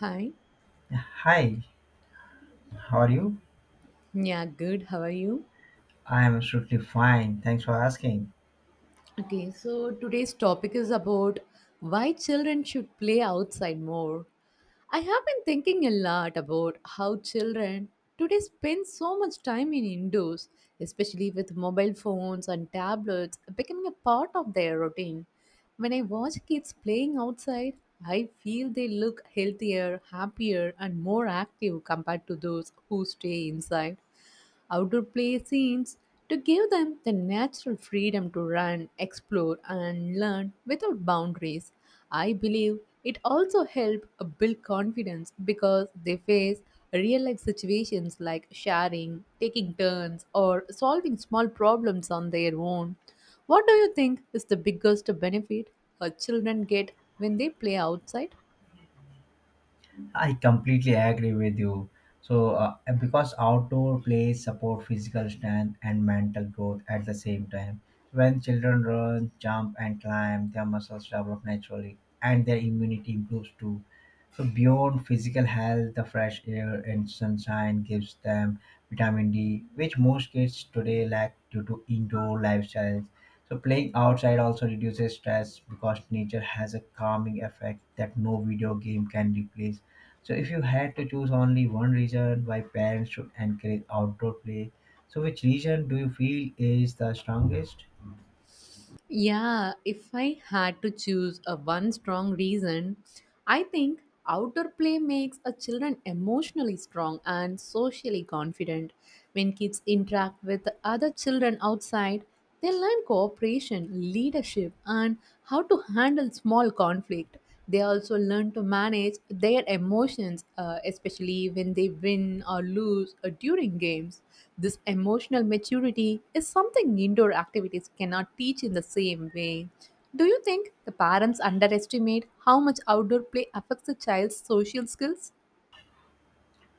Hi. Hi, how are you? Yeah, good. How are you? I am absolutely fine. Thanks for asking. Okay, so today's topic is about why children should play outside more. I have been thinking a lot about how children today spend so much time in indoors, especially with mobile phones and tablets becoming a part of their routine. When I watch kids playing outside, I feel they look healthier, happier, and more active compared to those who stay inside. Outdoor play seems to give them the natural freedom to run, explore, and learn without boundaries. I believe it also helps build confidence because they face real life situations like sharing, taking turns, or solving small problems on their own. What do you think is the biggest benefit our children get when they play outside? I completely agree with you. Because outdoor plays support physical strength and mental growth at the same time. When children run, jump, and climb, their muscles develop naturally and their immunity improves too. So, beyond physical health, the fresh air and sunshine gives them vitamin D, which most kids today lack due to indoor lifestyles. So, playing outside also reduces stress because nature has a calming effect that no video game can replace. So, if you had to choose only one reason why parents should encourage outdoor play, so which reason do you feel is the strongest? Yeah, if I had to choose a one strong reason, I think outdoor play makes a children emotionally strong and socially confident. When kids interact with other children outside, they learn cooperation, leadership, and how to handle small conflict. They also learn to manage their emotions, especially when they win or lose during games. This emotional maturity is something indoor activities cannot teach in the same way. Do you think the parents underestimate how much outdoor play affects the child's social skills?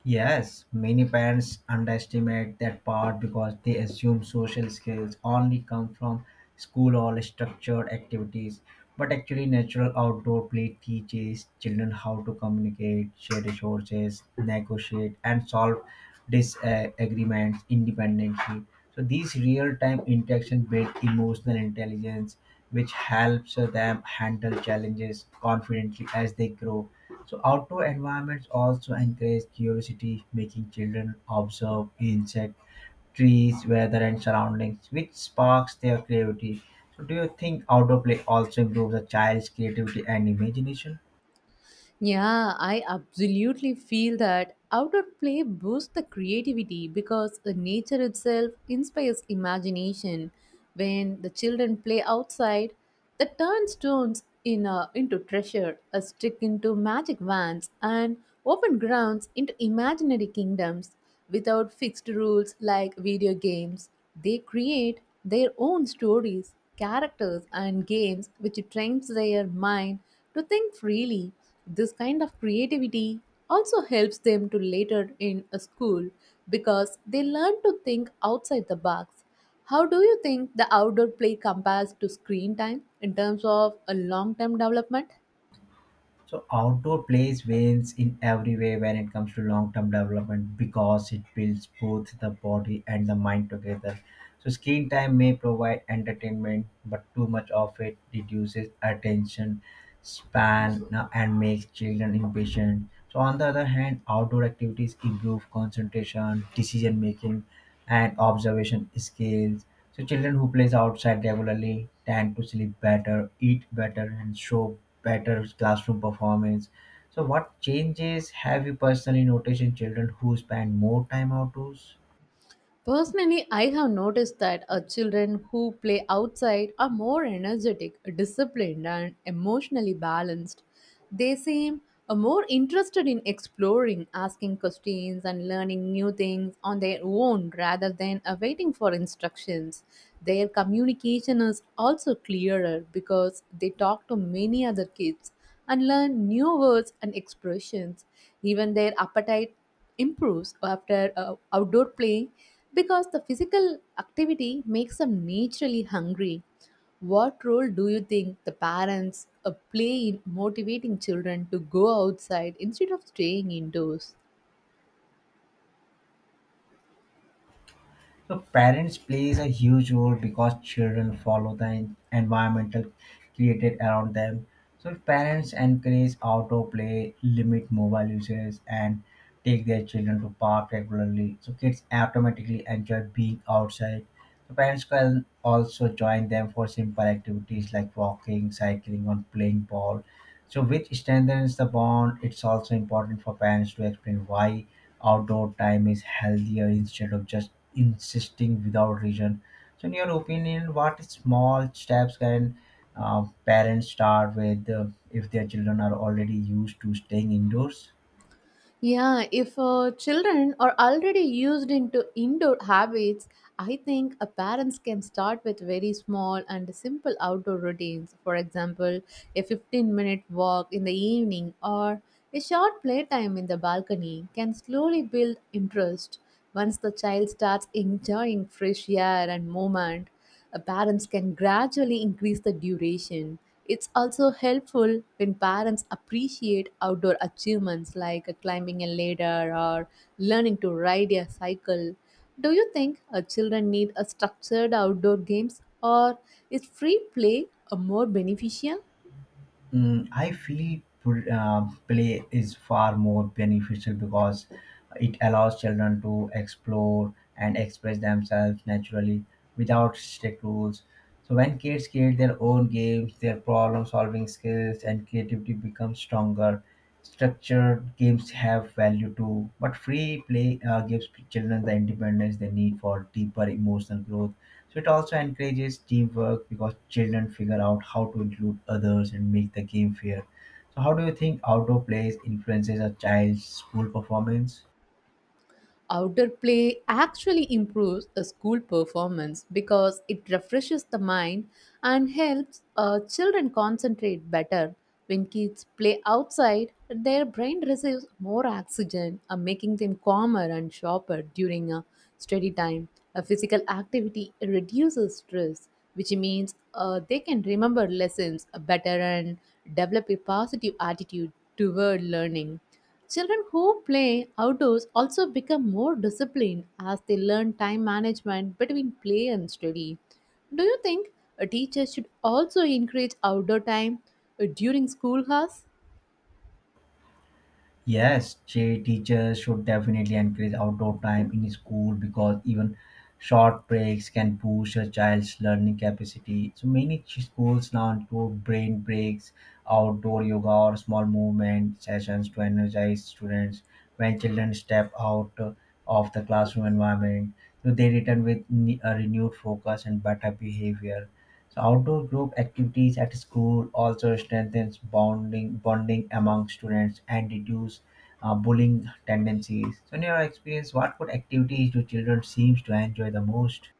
Yes, many parents underestimate that part because they assume social skills only come from school or structured activities. But actually, natural outdoor play teaches children how to communicate, share resources, negotiate, and solve disagreements independently. So, these real time interactions build emotional intelligence which helps them handle challenges confidently as they grow. So, outdoor environments also encourage curiosity, making children observe insects, trees, weather, and surroundings, which sparks their creativity. So, do you think outdoor play also improves a child's creativity and imagination? Yeah, I absolutely feel that outdoor play boosts the creativity because the nature itself inspires imagination. When the children play outside, they turn stones into treasure, a stick into magic wands, and open grounds into imaginary kingdoms without fixed rules like video games. They create their own stories, characters, and games which trains their mind to think freely. This kind of creativity also helps them to later in a school because they learn to think outside the box. How do you think the outdoor play compares to screen time in terms of a long term development? So outdoor plays wins in every way when it comes to long-term development because it builds both the body and the mind together. So screen time may provide entertainment, but too much of it reduces attention span and makes children impatient. So on the other hand, outdoor activities improve concentration, decision making, and observation skills. So children who plays outside regularly tend to sleep better, eat better, and show better classroom performance. So what changes have you personally noticed in children who spend more time outdoors? Personally, I have noticed that children who play outside are more energetic, disciplined, and emotionally balanced. They seem more interested in exploring, asking questions, and learning new things on their own rather than waiting for instructions. Their communication is also clearer because they talk to many other kids and learn new words and expressions. Even their appetite improves after outdoor play because the physical activity makes them naturally hungry. What role do you think the parents play in motivating children to go outside instead of staying indoors? So parents plays a huge role because children follow the environmental created around them. So if parents encourage outdoor play, limit mobile uses, and take their children to park regularly. So kids automatically enjoy being outside. So parents can also join them for simple activities like walking, cycling, or playing ball, so which strengthens the bond. It's also important for parents to explain why outdoor time is healthier instead of just insisting without reason. So in your opinion, what small steps can parents start with, if their children are already used to staying indoors? Yeah, if children are already used into indoor habits, I think parents can start with very small and simple outdoor routines. For example, a 15-minute walk in the evening or a short playtime in the balcony can slowly build interest. Once the child starts enjoying fresh air and movement, parents can gradually increase the duration. It's also helpful when parents appreciate outdoor achievements like climbing a ladder or learning to ride a cycle. Do you think children need a structured outdoor games or is free play a more beneficial? I feel play is far more beneficial because it allows children to explore and express themselves naturally without strict rules. So when kids create their own games, their problem-solving skills and creativity become stronger. Structured games have value too, but free play gives children the independence they need for deeper emotional growth. So it also encourages teamwork because children figure out how to include others and make the game fair. So how do you think outdoor plays influences a child's school performance? Outdoor play actually improves the school performance because it refreshes the mind and helps children concentrate better. When kids play outside, their brain receives more oxygen, making them calmer and sharper during a study time. A physical activity reduces stress, which means they can remember lessons better and develop a positive attitude toward learning. Children who play outdoors also become more disciplined as they learn time management between play and study. Do you think a teacher should also encourage outdoor time during school hours? Yes, teachers should definitely encourage outdoor time in school because even short breaks can boost a child's learning capacity. So many schools now include brain breaks, outdoor yoga, or small movement sessions to energize students. When children step out of the classroom environment, so they return with a renewed focus and better behavior. So outdoor group activities at school also strengthens bonding among students and reduce bullying tendencies. So in your experience, what food activities do children seems to enjoy the most?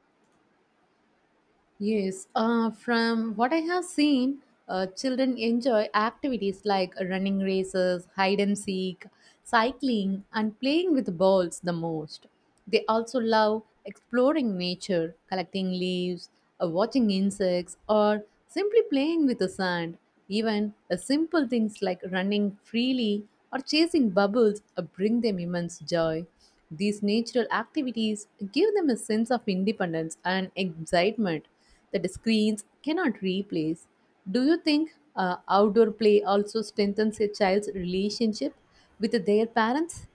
Yes, from what I have seen, children enjoy activities like running races, hide and seek, cycling, and playing with balls the most. They also love exploring nature, collecting leaves, watching insects, or simply playing with the sand. Even the simple things like running freely or chasing bubbles bring them immense joy. These natural activities give them a sense of independence and excitement that the screens cannot replace. Do you think outdoor play also strengthens a child's relationship with their parents?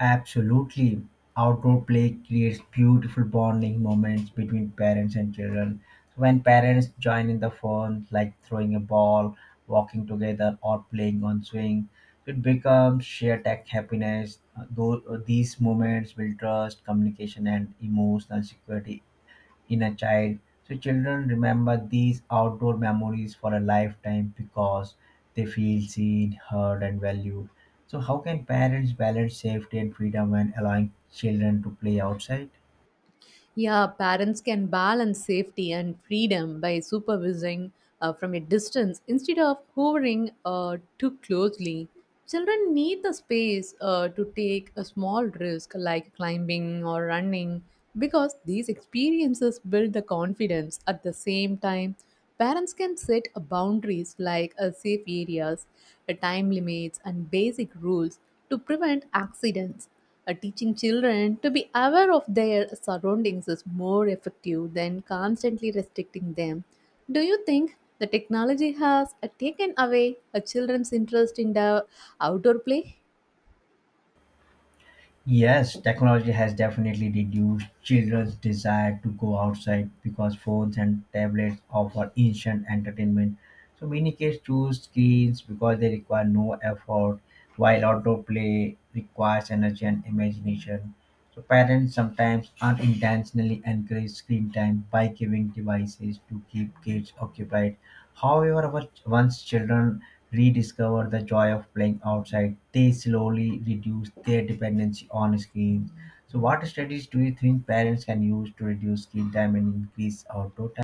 Absolutely. Outdoor play creates beautiful bonding moments between parents and children. When parents join in the fun, like throwing a ball, walking together, or playing on swing, it becomes shared tech happiness. Though These moments build trust, communication, and emotional security in a child. So children remember these outdoor memories for a lifetime because they feel seen, heard, and valued. So how can parents balance safety and freedom when allowing children to play outside? Yeah, parents can balance safety and freedom by supervising from a distance instead of hovering too closely. Children need the space to take a small risk like climbing or running because these experiences build the confidence. At the same time, parents can set boundaries like safe areas, time limits, and basic rules to prevent accidents. Teaching children to be aware of their surroundings is more effective than constantly restricting them. Do you think the technology has taken away a children's interest in the outdoor play? Yes, technology has definitely reduced children's desire to go outside because phones and tablets offer instant entertainment. So many kids choose screens because they require no effort, while outdoor play requires energy and imagination. So parents sometimes unintentionally encourage screen time by giving devices to keep kids occupied. However, once children rediscover the joy of playing outside, they slowly reduce their dependency on screens. So, what strategies do you think parents can use to reduce screen time and increase outdoor time?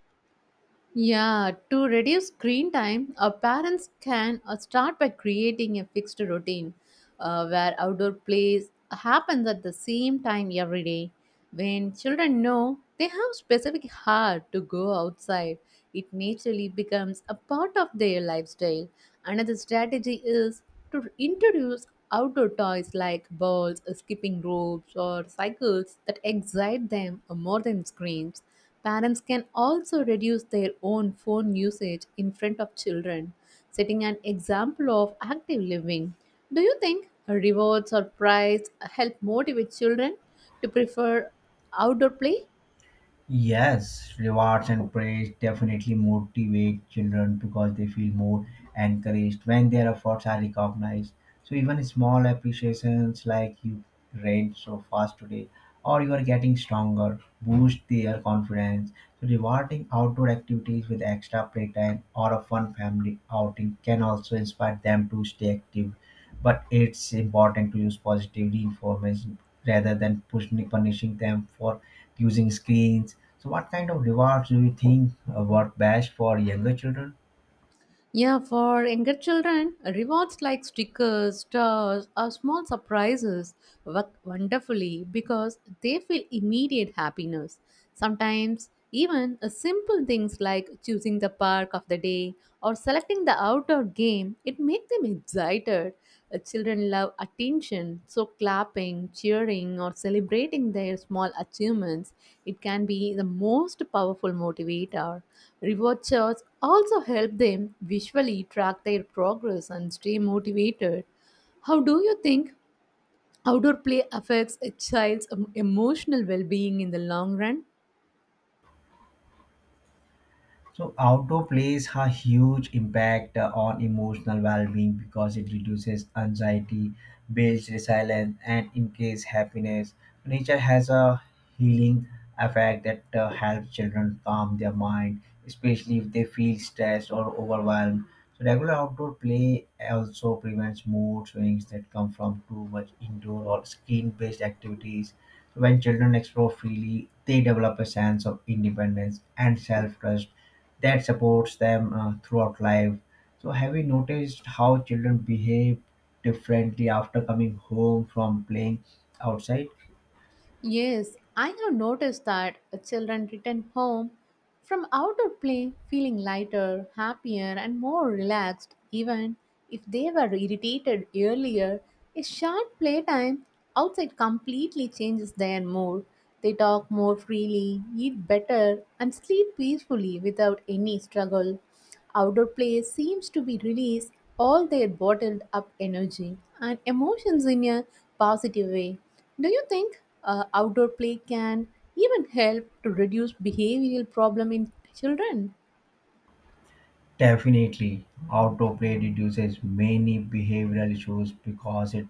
Yeah, to reduce screen time, parents can start by creating a fixed routine where outdoor plays happens at the same time every day. When children know they have specific hour to go outside, it naturally becomes a part of their lifestyle. Another strategy is to introduce outdoor toys like balls, skipping ropes, or cycles that excite them more than screens. Parents can also reduce their own phone usage in front of children, setting an example of active living. Do you think rewards or prize help motivate children to prefer outdoor play? Yes, rewards and praise definitely motivate children because they feel more encouraged when their efforts are recognized. So even small appreciations like "you ran so fast today" or "you are getting stronger" boost their confidence. So rewarding outdoor activities with extra playtime or a fun family outing can also inspire them to stay active. But it's important to use positive reinforcement rather than push, punishing them for using screens. So, what kind of rewards do you think work best for younger children? Yeah, for younger children, rewards like stickers, stars, or small surprises work wonderfully because they feel immediate happiness. Sometimes, even simple things like choosing the park of the day or selecting the outdoor game, it make them excited. Children love attention, so clapping, cheering, or celebrating their small achievements, it can be the most powerful motivator. Reward charts also help them visually track their progress and stay motivated. How do you think outdoor play affects a child's emotional well-being in the long run? So outdoor plays a huge impact on emotional well-being because it reduces anxiety, builds resilience, and increases happiness. Nature has a healing effect that helps children calm their mind, especially if they feel stressed or overwhelmed. So regular outdoor play also prevents mood swings that come from too much indoor or screen-based activities. So when children explore freely, they develop a sense of independence and self-trust that supports them throughout life. So, have you noticed how children behave differently after coming home from playing outside? Yes, I have noticed that children return home from outdoor play feeling lighter, happier, and more relaxed, even if they were irritated earlier. A short playtime outside completely changes their mood. They talk more freely, eat better, and sleep peacefully without any struggle. Outdoor play seems to be release all their bottled up energy and emotions in a positive way. Do you think outdoor play can even help to reduce behavioral problem in children? Definitely, outdoor play reduces many behavioral issues because it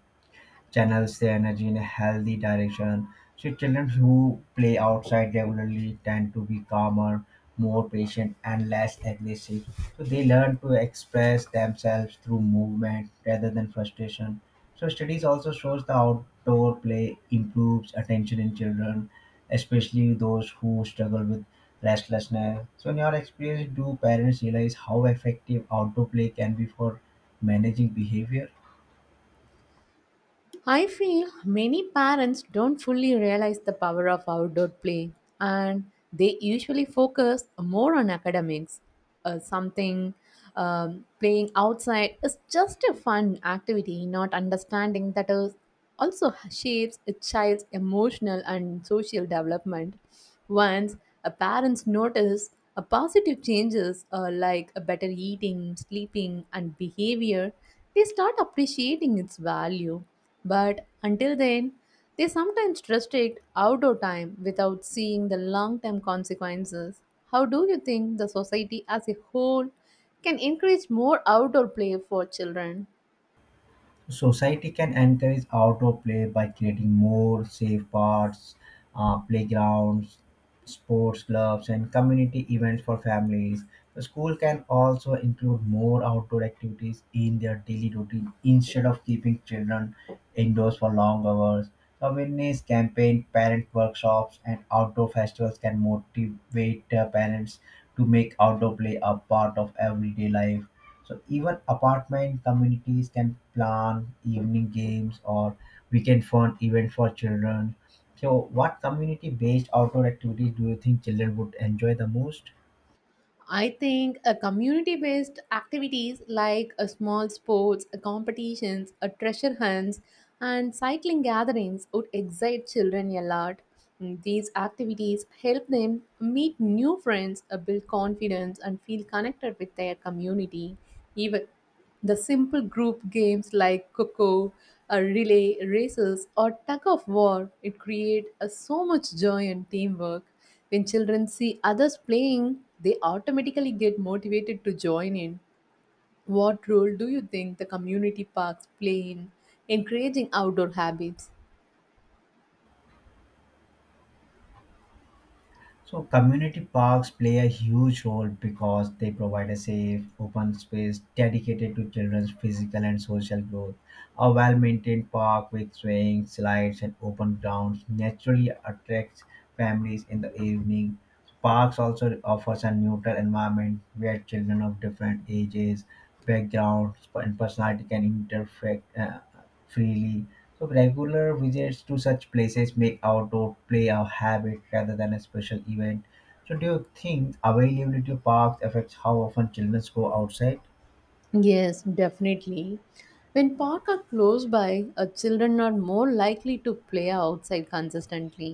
channels their energy in a healthy direction. So children who play outside regularly tend to be calmer, more patient, and less aggressive. So they learn to express themselves through movement rather than frustration. So studies also shows the outdoor play improves attention in children, especially those who struggle with restlessness. So in your experience, do parents realize how effective outdoor play can be for managing behavior? I feel many parents don't fully realize the power of outdoor play and they usually focus more on academics. Something playing outside is just a fun activity, not understanding that is also shapes a child's emotional and social development. Once a parents notice a positive changes like a better eating, sleeping and behavior, they start appreciating its value. But until then, they sometimes restrict outdoor time without seeing the long-term consequences. How do you think the society as a whole can encourage more outdoor play for children? Society can encourage outdoor play by creating more safe parks, playgrounds, sports clubs, and community events for families. The school can also include more outdoor activities in their daily routine instead of keeping children indoors for long hours. Awareness campaign, parent workshops, and outdoor festivals can motivate parents to make outdoor play a part of everyday life. So even apartment communities can plan evening games or weekend fun event for children. So what community based outdoor activities do you think children would enjoy the most? I think a community-based activities like a small sports, a competitions, a treasure hunts, and cycling gatherings would excite children a lot. These activities help them meet new friends, build confidence, and feel connected with their community. Even the simple group games like Coco, relay races, or tug of war, it create so much joy and teamwork. When children see others playing, they automatically get motivated to join in. What role do you think the community parks play in encouraging outdoor habits? So community parks play a huge role because they provide a safe, open space dedicated to children's physical and social growth. A well-maintained park with swings, slides, and open grounds naturally attracts families in the evening. Parks also offers a neutral environment where children of different ages, backgrounds, and personality can interact freely. So regular visits to such places make outdoor play a habit rather than a special event. So do you think availability of parks affects how often children go outside? Yes, definitely. When parks are close by, children are more likely to play outside consistently.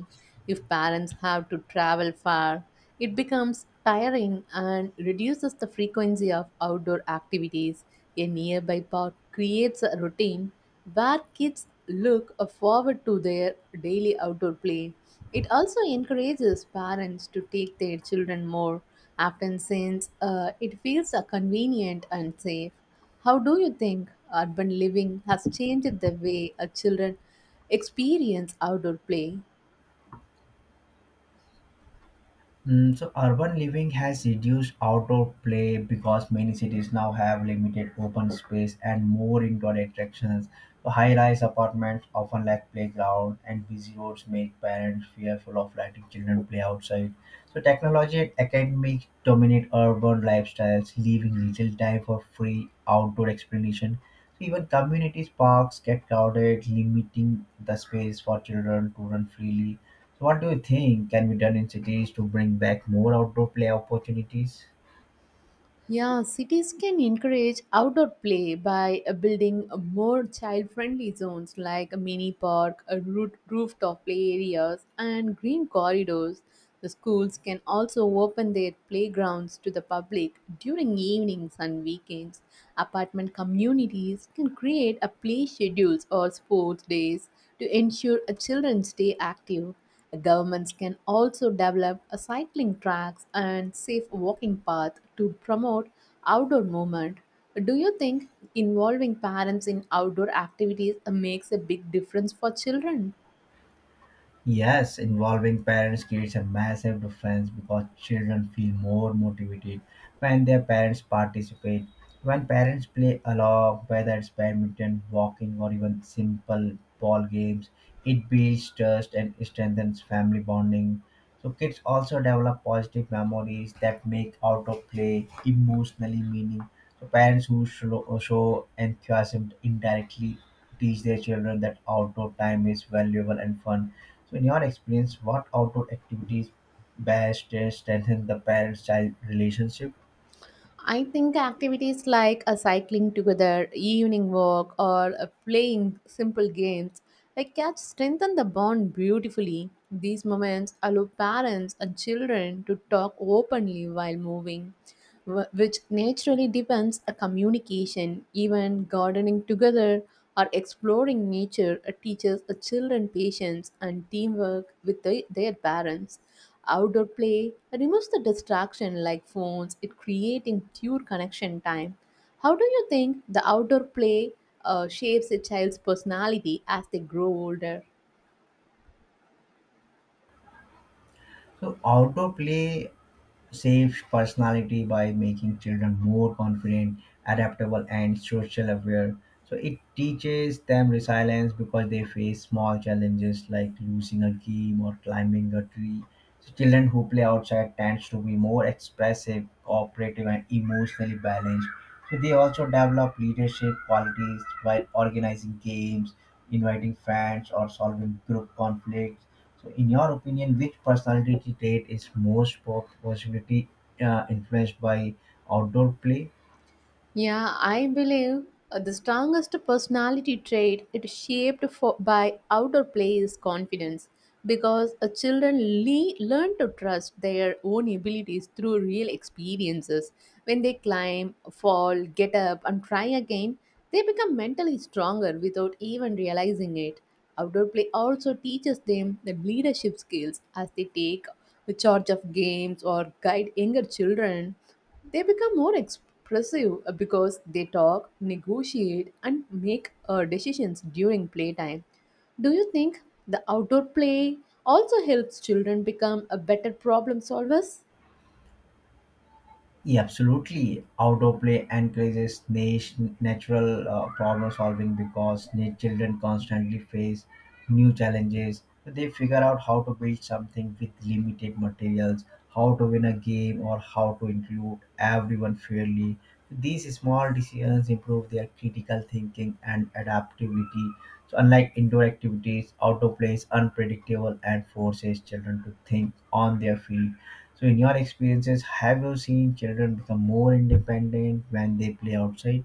If parents have to travel far, it becomes tiring and reduces the frequency of outdoor activities. A nearby park creates a routine where kids look forward to their daily outdoor play. It also encourages parents to take their children more often since it feels convenient and safe. How do you think urban living has changed the way children experience outdoor play? So urban living has reduced outdoor play because many cities now have limited open space and more indoor attractions. So high-rise apartments often lack playground, and busy roads make parents fearful of letting children play outside. So technology and academics dominate urban lifestyles, leaving little time for free outdoor exploration. So even communities parks get crowded, limiting the space for children to run freely. So what do you think can be done in cities to bring back more outdoor play opportunities? Yeah, cities can encourage outdoor play by building more child-friendly zones like a mini park, a rooftop play areas, and green corridors. The schools can also open their playgrounds to the public during evenings and weekends. Apartment communities can create a play schedules or sports days to ensure children stay active. Governments can also develop a cycling tracks and safe walking path to promote outdoor movement. Do you think involving parents in outdoor activities makes a big difference for children? Yes, involving parents creates a massive difference because children feel more motivated when their parents participate. When parents play along, whether it's badminton, walking, or even simple ball games, it builds trust and strengthens family bonding. So, kids also develop positive memories that make outdoor play emotionally meaning. So, parents who show enthusiasm indirectly teach their children that outdoor time is valuable and fun. So, in your experience, what outdoor activities best strengthen the parent-child relationship? I think activities like a cycling together, evening walk, or a playing simple games like cats strengthen the bond beautifully. These moments allow parents and children to talk openly while moving, which naturally deepens a communication. Even gardening together or exploring nature teaches a children patience and teamwork with their parents. Outdoor play removes the distraction like phones, it creating pure connection time. How do you think the outdoor play shapes a child's personality as they grow older? So, outdoor play shapes personality by making children more confident, adaptable, and social aware. So it teaches them resilience because they face small challenges like losing a game or climbing a tree. So children who play outside tends to be more expressive, cooperative, and emotionally balanced. So they also develop leadership qualities by organizing games, inviting friends, or solving group conflicts. So, in your opinion, which personality trait is most possibility influenced by outdoor play? Yeah, I believe the strongest personality trait it shaped for, by outer play is confidence because children learn to trust their own abilities through real experiences. When they climb, fall, get up, and try again, they become mentally stronger without even realizing it. Outdoor play also teaches them the leadership skills as they take with charge of games or guide younger children, they become more expressive because they talk, negotiate, and make decisions during playtime. Do you think the outdoor play also helps children become a better problem solvers? Yeah, absolutely. Outdoor play encourages natural problem solving because children constantly face new challenges. So they figure out how to build something with limited materials, how to win a game, or how to include everyone fairly. These small decisions improve their critical thinking and adaptability. So, unlike indoor activities, outdoor play is unpredictable and forces children to think on their feet. So, in your experiences, have you seen children become more independent when they play outside?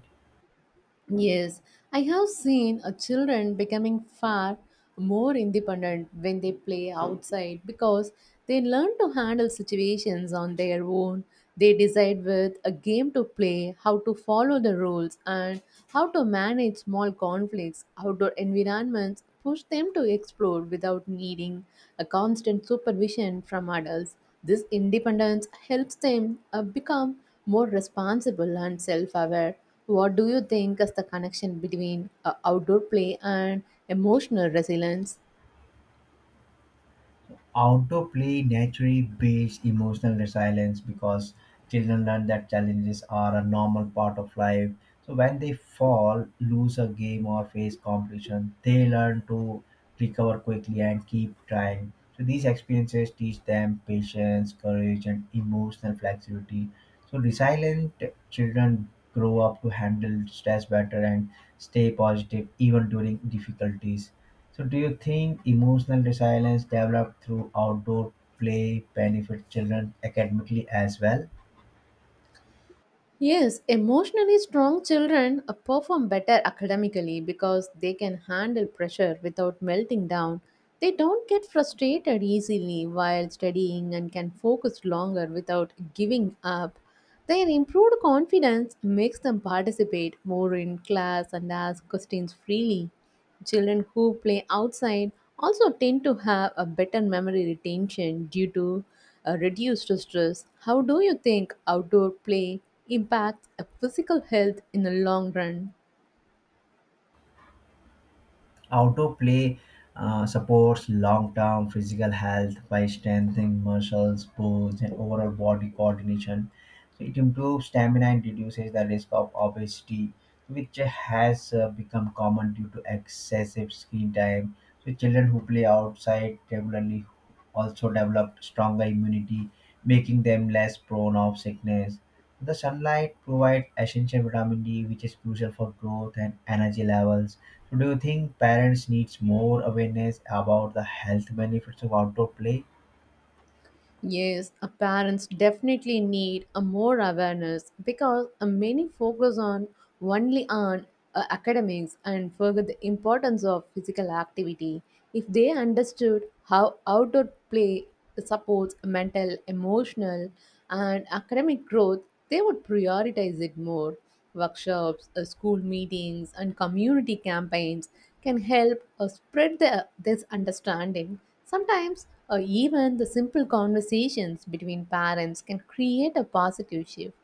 Yes, I have seen children becoming far more independent when they play outside because they learn to handle situations on their own. They decide with a game to play, how to follow the rules, and how to manage small conflicts. Outdoor environments push them to explore without needing a constant supervision from adults. This independence helps them become more responsible and self aware. What do you think is the connection between outdoor play and emotional resilience? Autoplay naturally builds emotional resilience because children learn that challenges are a normal part of life. So when they fall, lose a game, or face competition, they learn to recover quickly and keep trying. So these experiences teach them patience, courage, and emotional flexibility. So resilient children grow up to handle stress better and stay positive even during difficulties. So, do you think emotional resilience developed through outdoor play benefits children academically as well? Yes, emotionally strong children perform better academically because they can handle pressure without melting down. They don't get frustrated easily while studying and can focus longer without giving up. Their improved confidence makes them participate more in class and ask questions freely. Children who play outside also tend to have a better memory retention due to a reduced stress. How do you think outdoor play impacts a physical health in the long run? Autoplay supports long term physical health by strengthening muscles, bones, and overall body coordination. So it improves stamina and reduces the risk of obesity, which has become common due to excessive screen time. So children who play outside regularly also develop stronger immunity, making them less prone of sickness. The sunlight provides essential vitamin D, which is crucial for growth and energy levels. So, do you think parents needs more awareness about the health benefits of outdoor play? Yes, parents definitely need a more awareness because many focus on only on academics and forget the importance of physical activity. If they understood how outdoor play supports mental, emotional, and academic growth, they would prioritize it more. Workshops, school meetings, and community campaigns can help spread this understanding. Sometimes, even the simple conversations between parents can create a positive shift.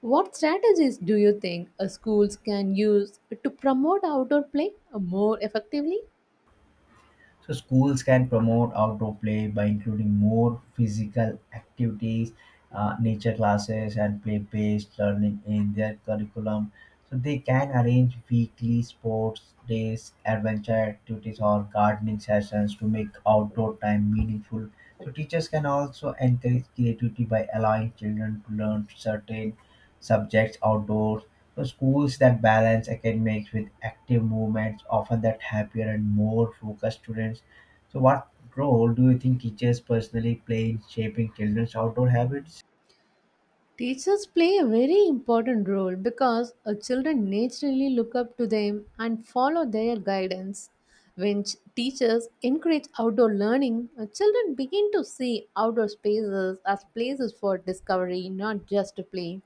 What strategies do you think schools can use to promote outdoor play more effectively? So schools can promote outdoor play by including more physical activities, nature classes, and play-based learning in their curriculum. So they can arrange weekly sports days, adventure activities, or gardening sessions to make outdoor time meaningful. So teachers can also encourage creativity by allowing children to learn certain subjects outdoors. So schools that balance academics with active movements often that happier and more focused students. So what role do you think teachers personally play in shaping children's outdoor habits? Teachers play a very important role because children naturally look up to them and follow their guidance. When teachers encourage outdoor learning, children begin to see outdoor spaces as places for discovery, not just to play.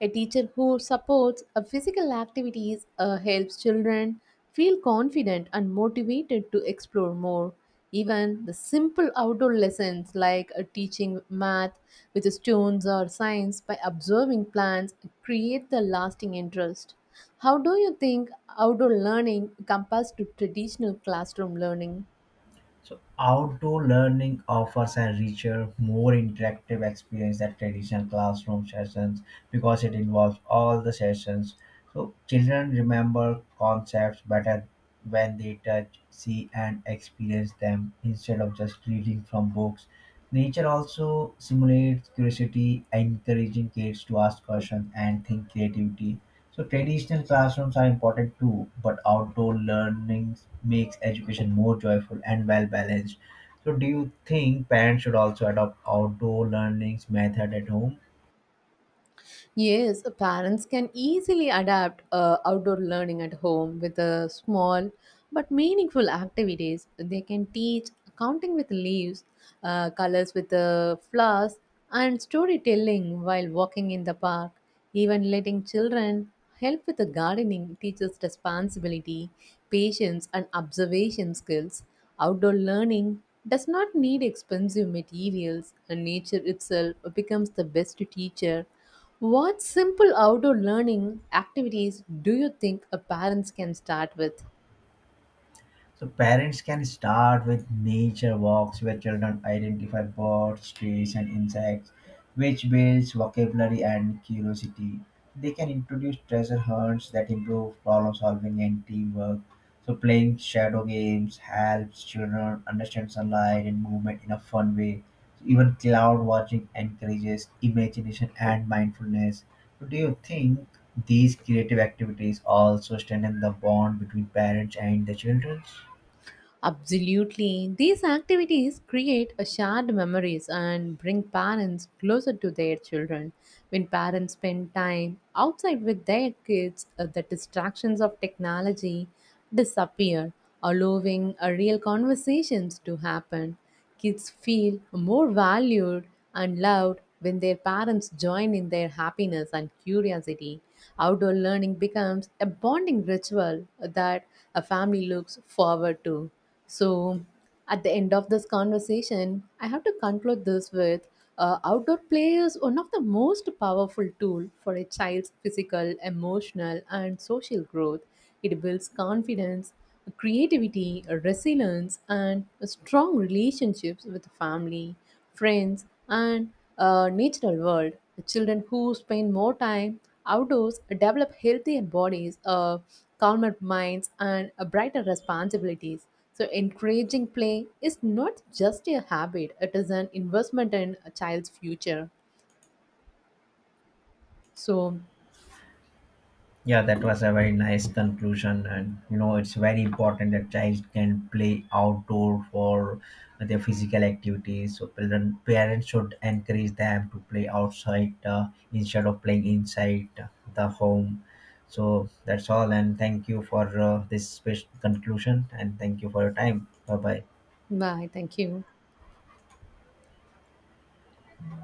A teacher who supports a physical activities helps children feel confident and motivated to explore more. Even the simple outdoor lessons like teaching math with stones or science by observing plants create the lasting interest. How do you think outdoor learning compares to traditional classroom learning? So outdoor learning offers a richer, more interactive experience than traditional classroom sessions because it involves all the sessions. So children remember concepts better when they touch, see, and experience them instead of just reading from books. Nature also simulates curiosity, encouraging kids to ask questions and think creativity. So traditional classrooms are important too, but outdoor learning makes education more joyful and well balanced. So do you think parents should also adopt outdoor learnings method at home? Yes, parents can easily adapt outdoor learning at home with small but meaningful activities. They can teach counting with leaves, colors with flowers, and storytelling while walking in the park. Even letting children help with the gardening teaches responsibility, patience, and observation skills. Outdoor learning does not need expensive materials, and nature itself becomes the best teacher. What simple outdoor learning activities do you think a parents can start with? So parents can start with nature walks where children identify birds, trees, and insects, which builds vocabulary and curiosity. They can introduce treasure hunts that improve problem solving and teamwork. So playing shadow games helps children understand sunlight and movement in a fun way. So even cloud watching encourages imagination and mindfulness. So do you think these creative activities also strengthen the bond between parents and the children? Absolutely. These activities create a shared memories and bring parents closer to their children. When parents spend time outside with their kids, the distractions of technology disappear, allowing a real conversations to happen. Kids feel more valued and loved when their parents join in their happiness and curiosity. Outdoor learning becomes a bonding ritual that a family looks forward to. So, at the end of this conversation, I have to conclude this with outdoor play is one of the most powerful tool for a child's physical, emotional, and social growth. It builds confidence, creativity, resilience, and strong relationships with family friends, and a natural world. The children who spend more time outdoors develop healthier bodies, calmer minds, and brighter responsibilities. So, encouraging play is not just a habit, it is an investment in a child's future. So, Yeah, that was a very nice conclusion, and you know it's very important that child can play outdoor for their physical activities. So children, parents should encourage them to play outside instead of playing inside the home. So that's all, and thank you for this special conclusion, and thank you for your time. Bye bye. bye. Thank you.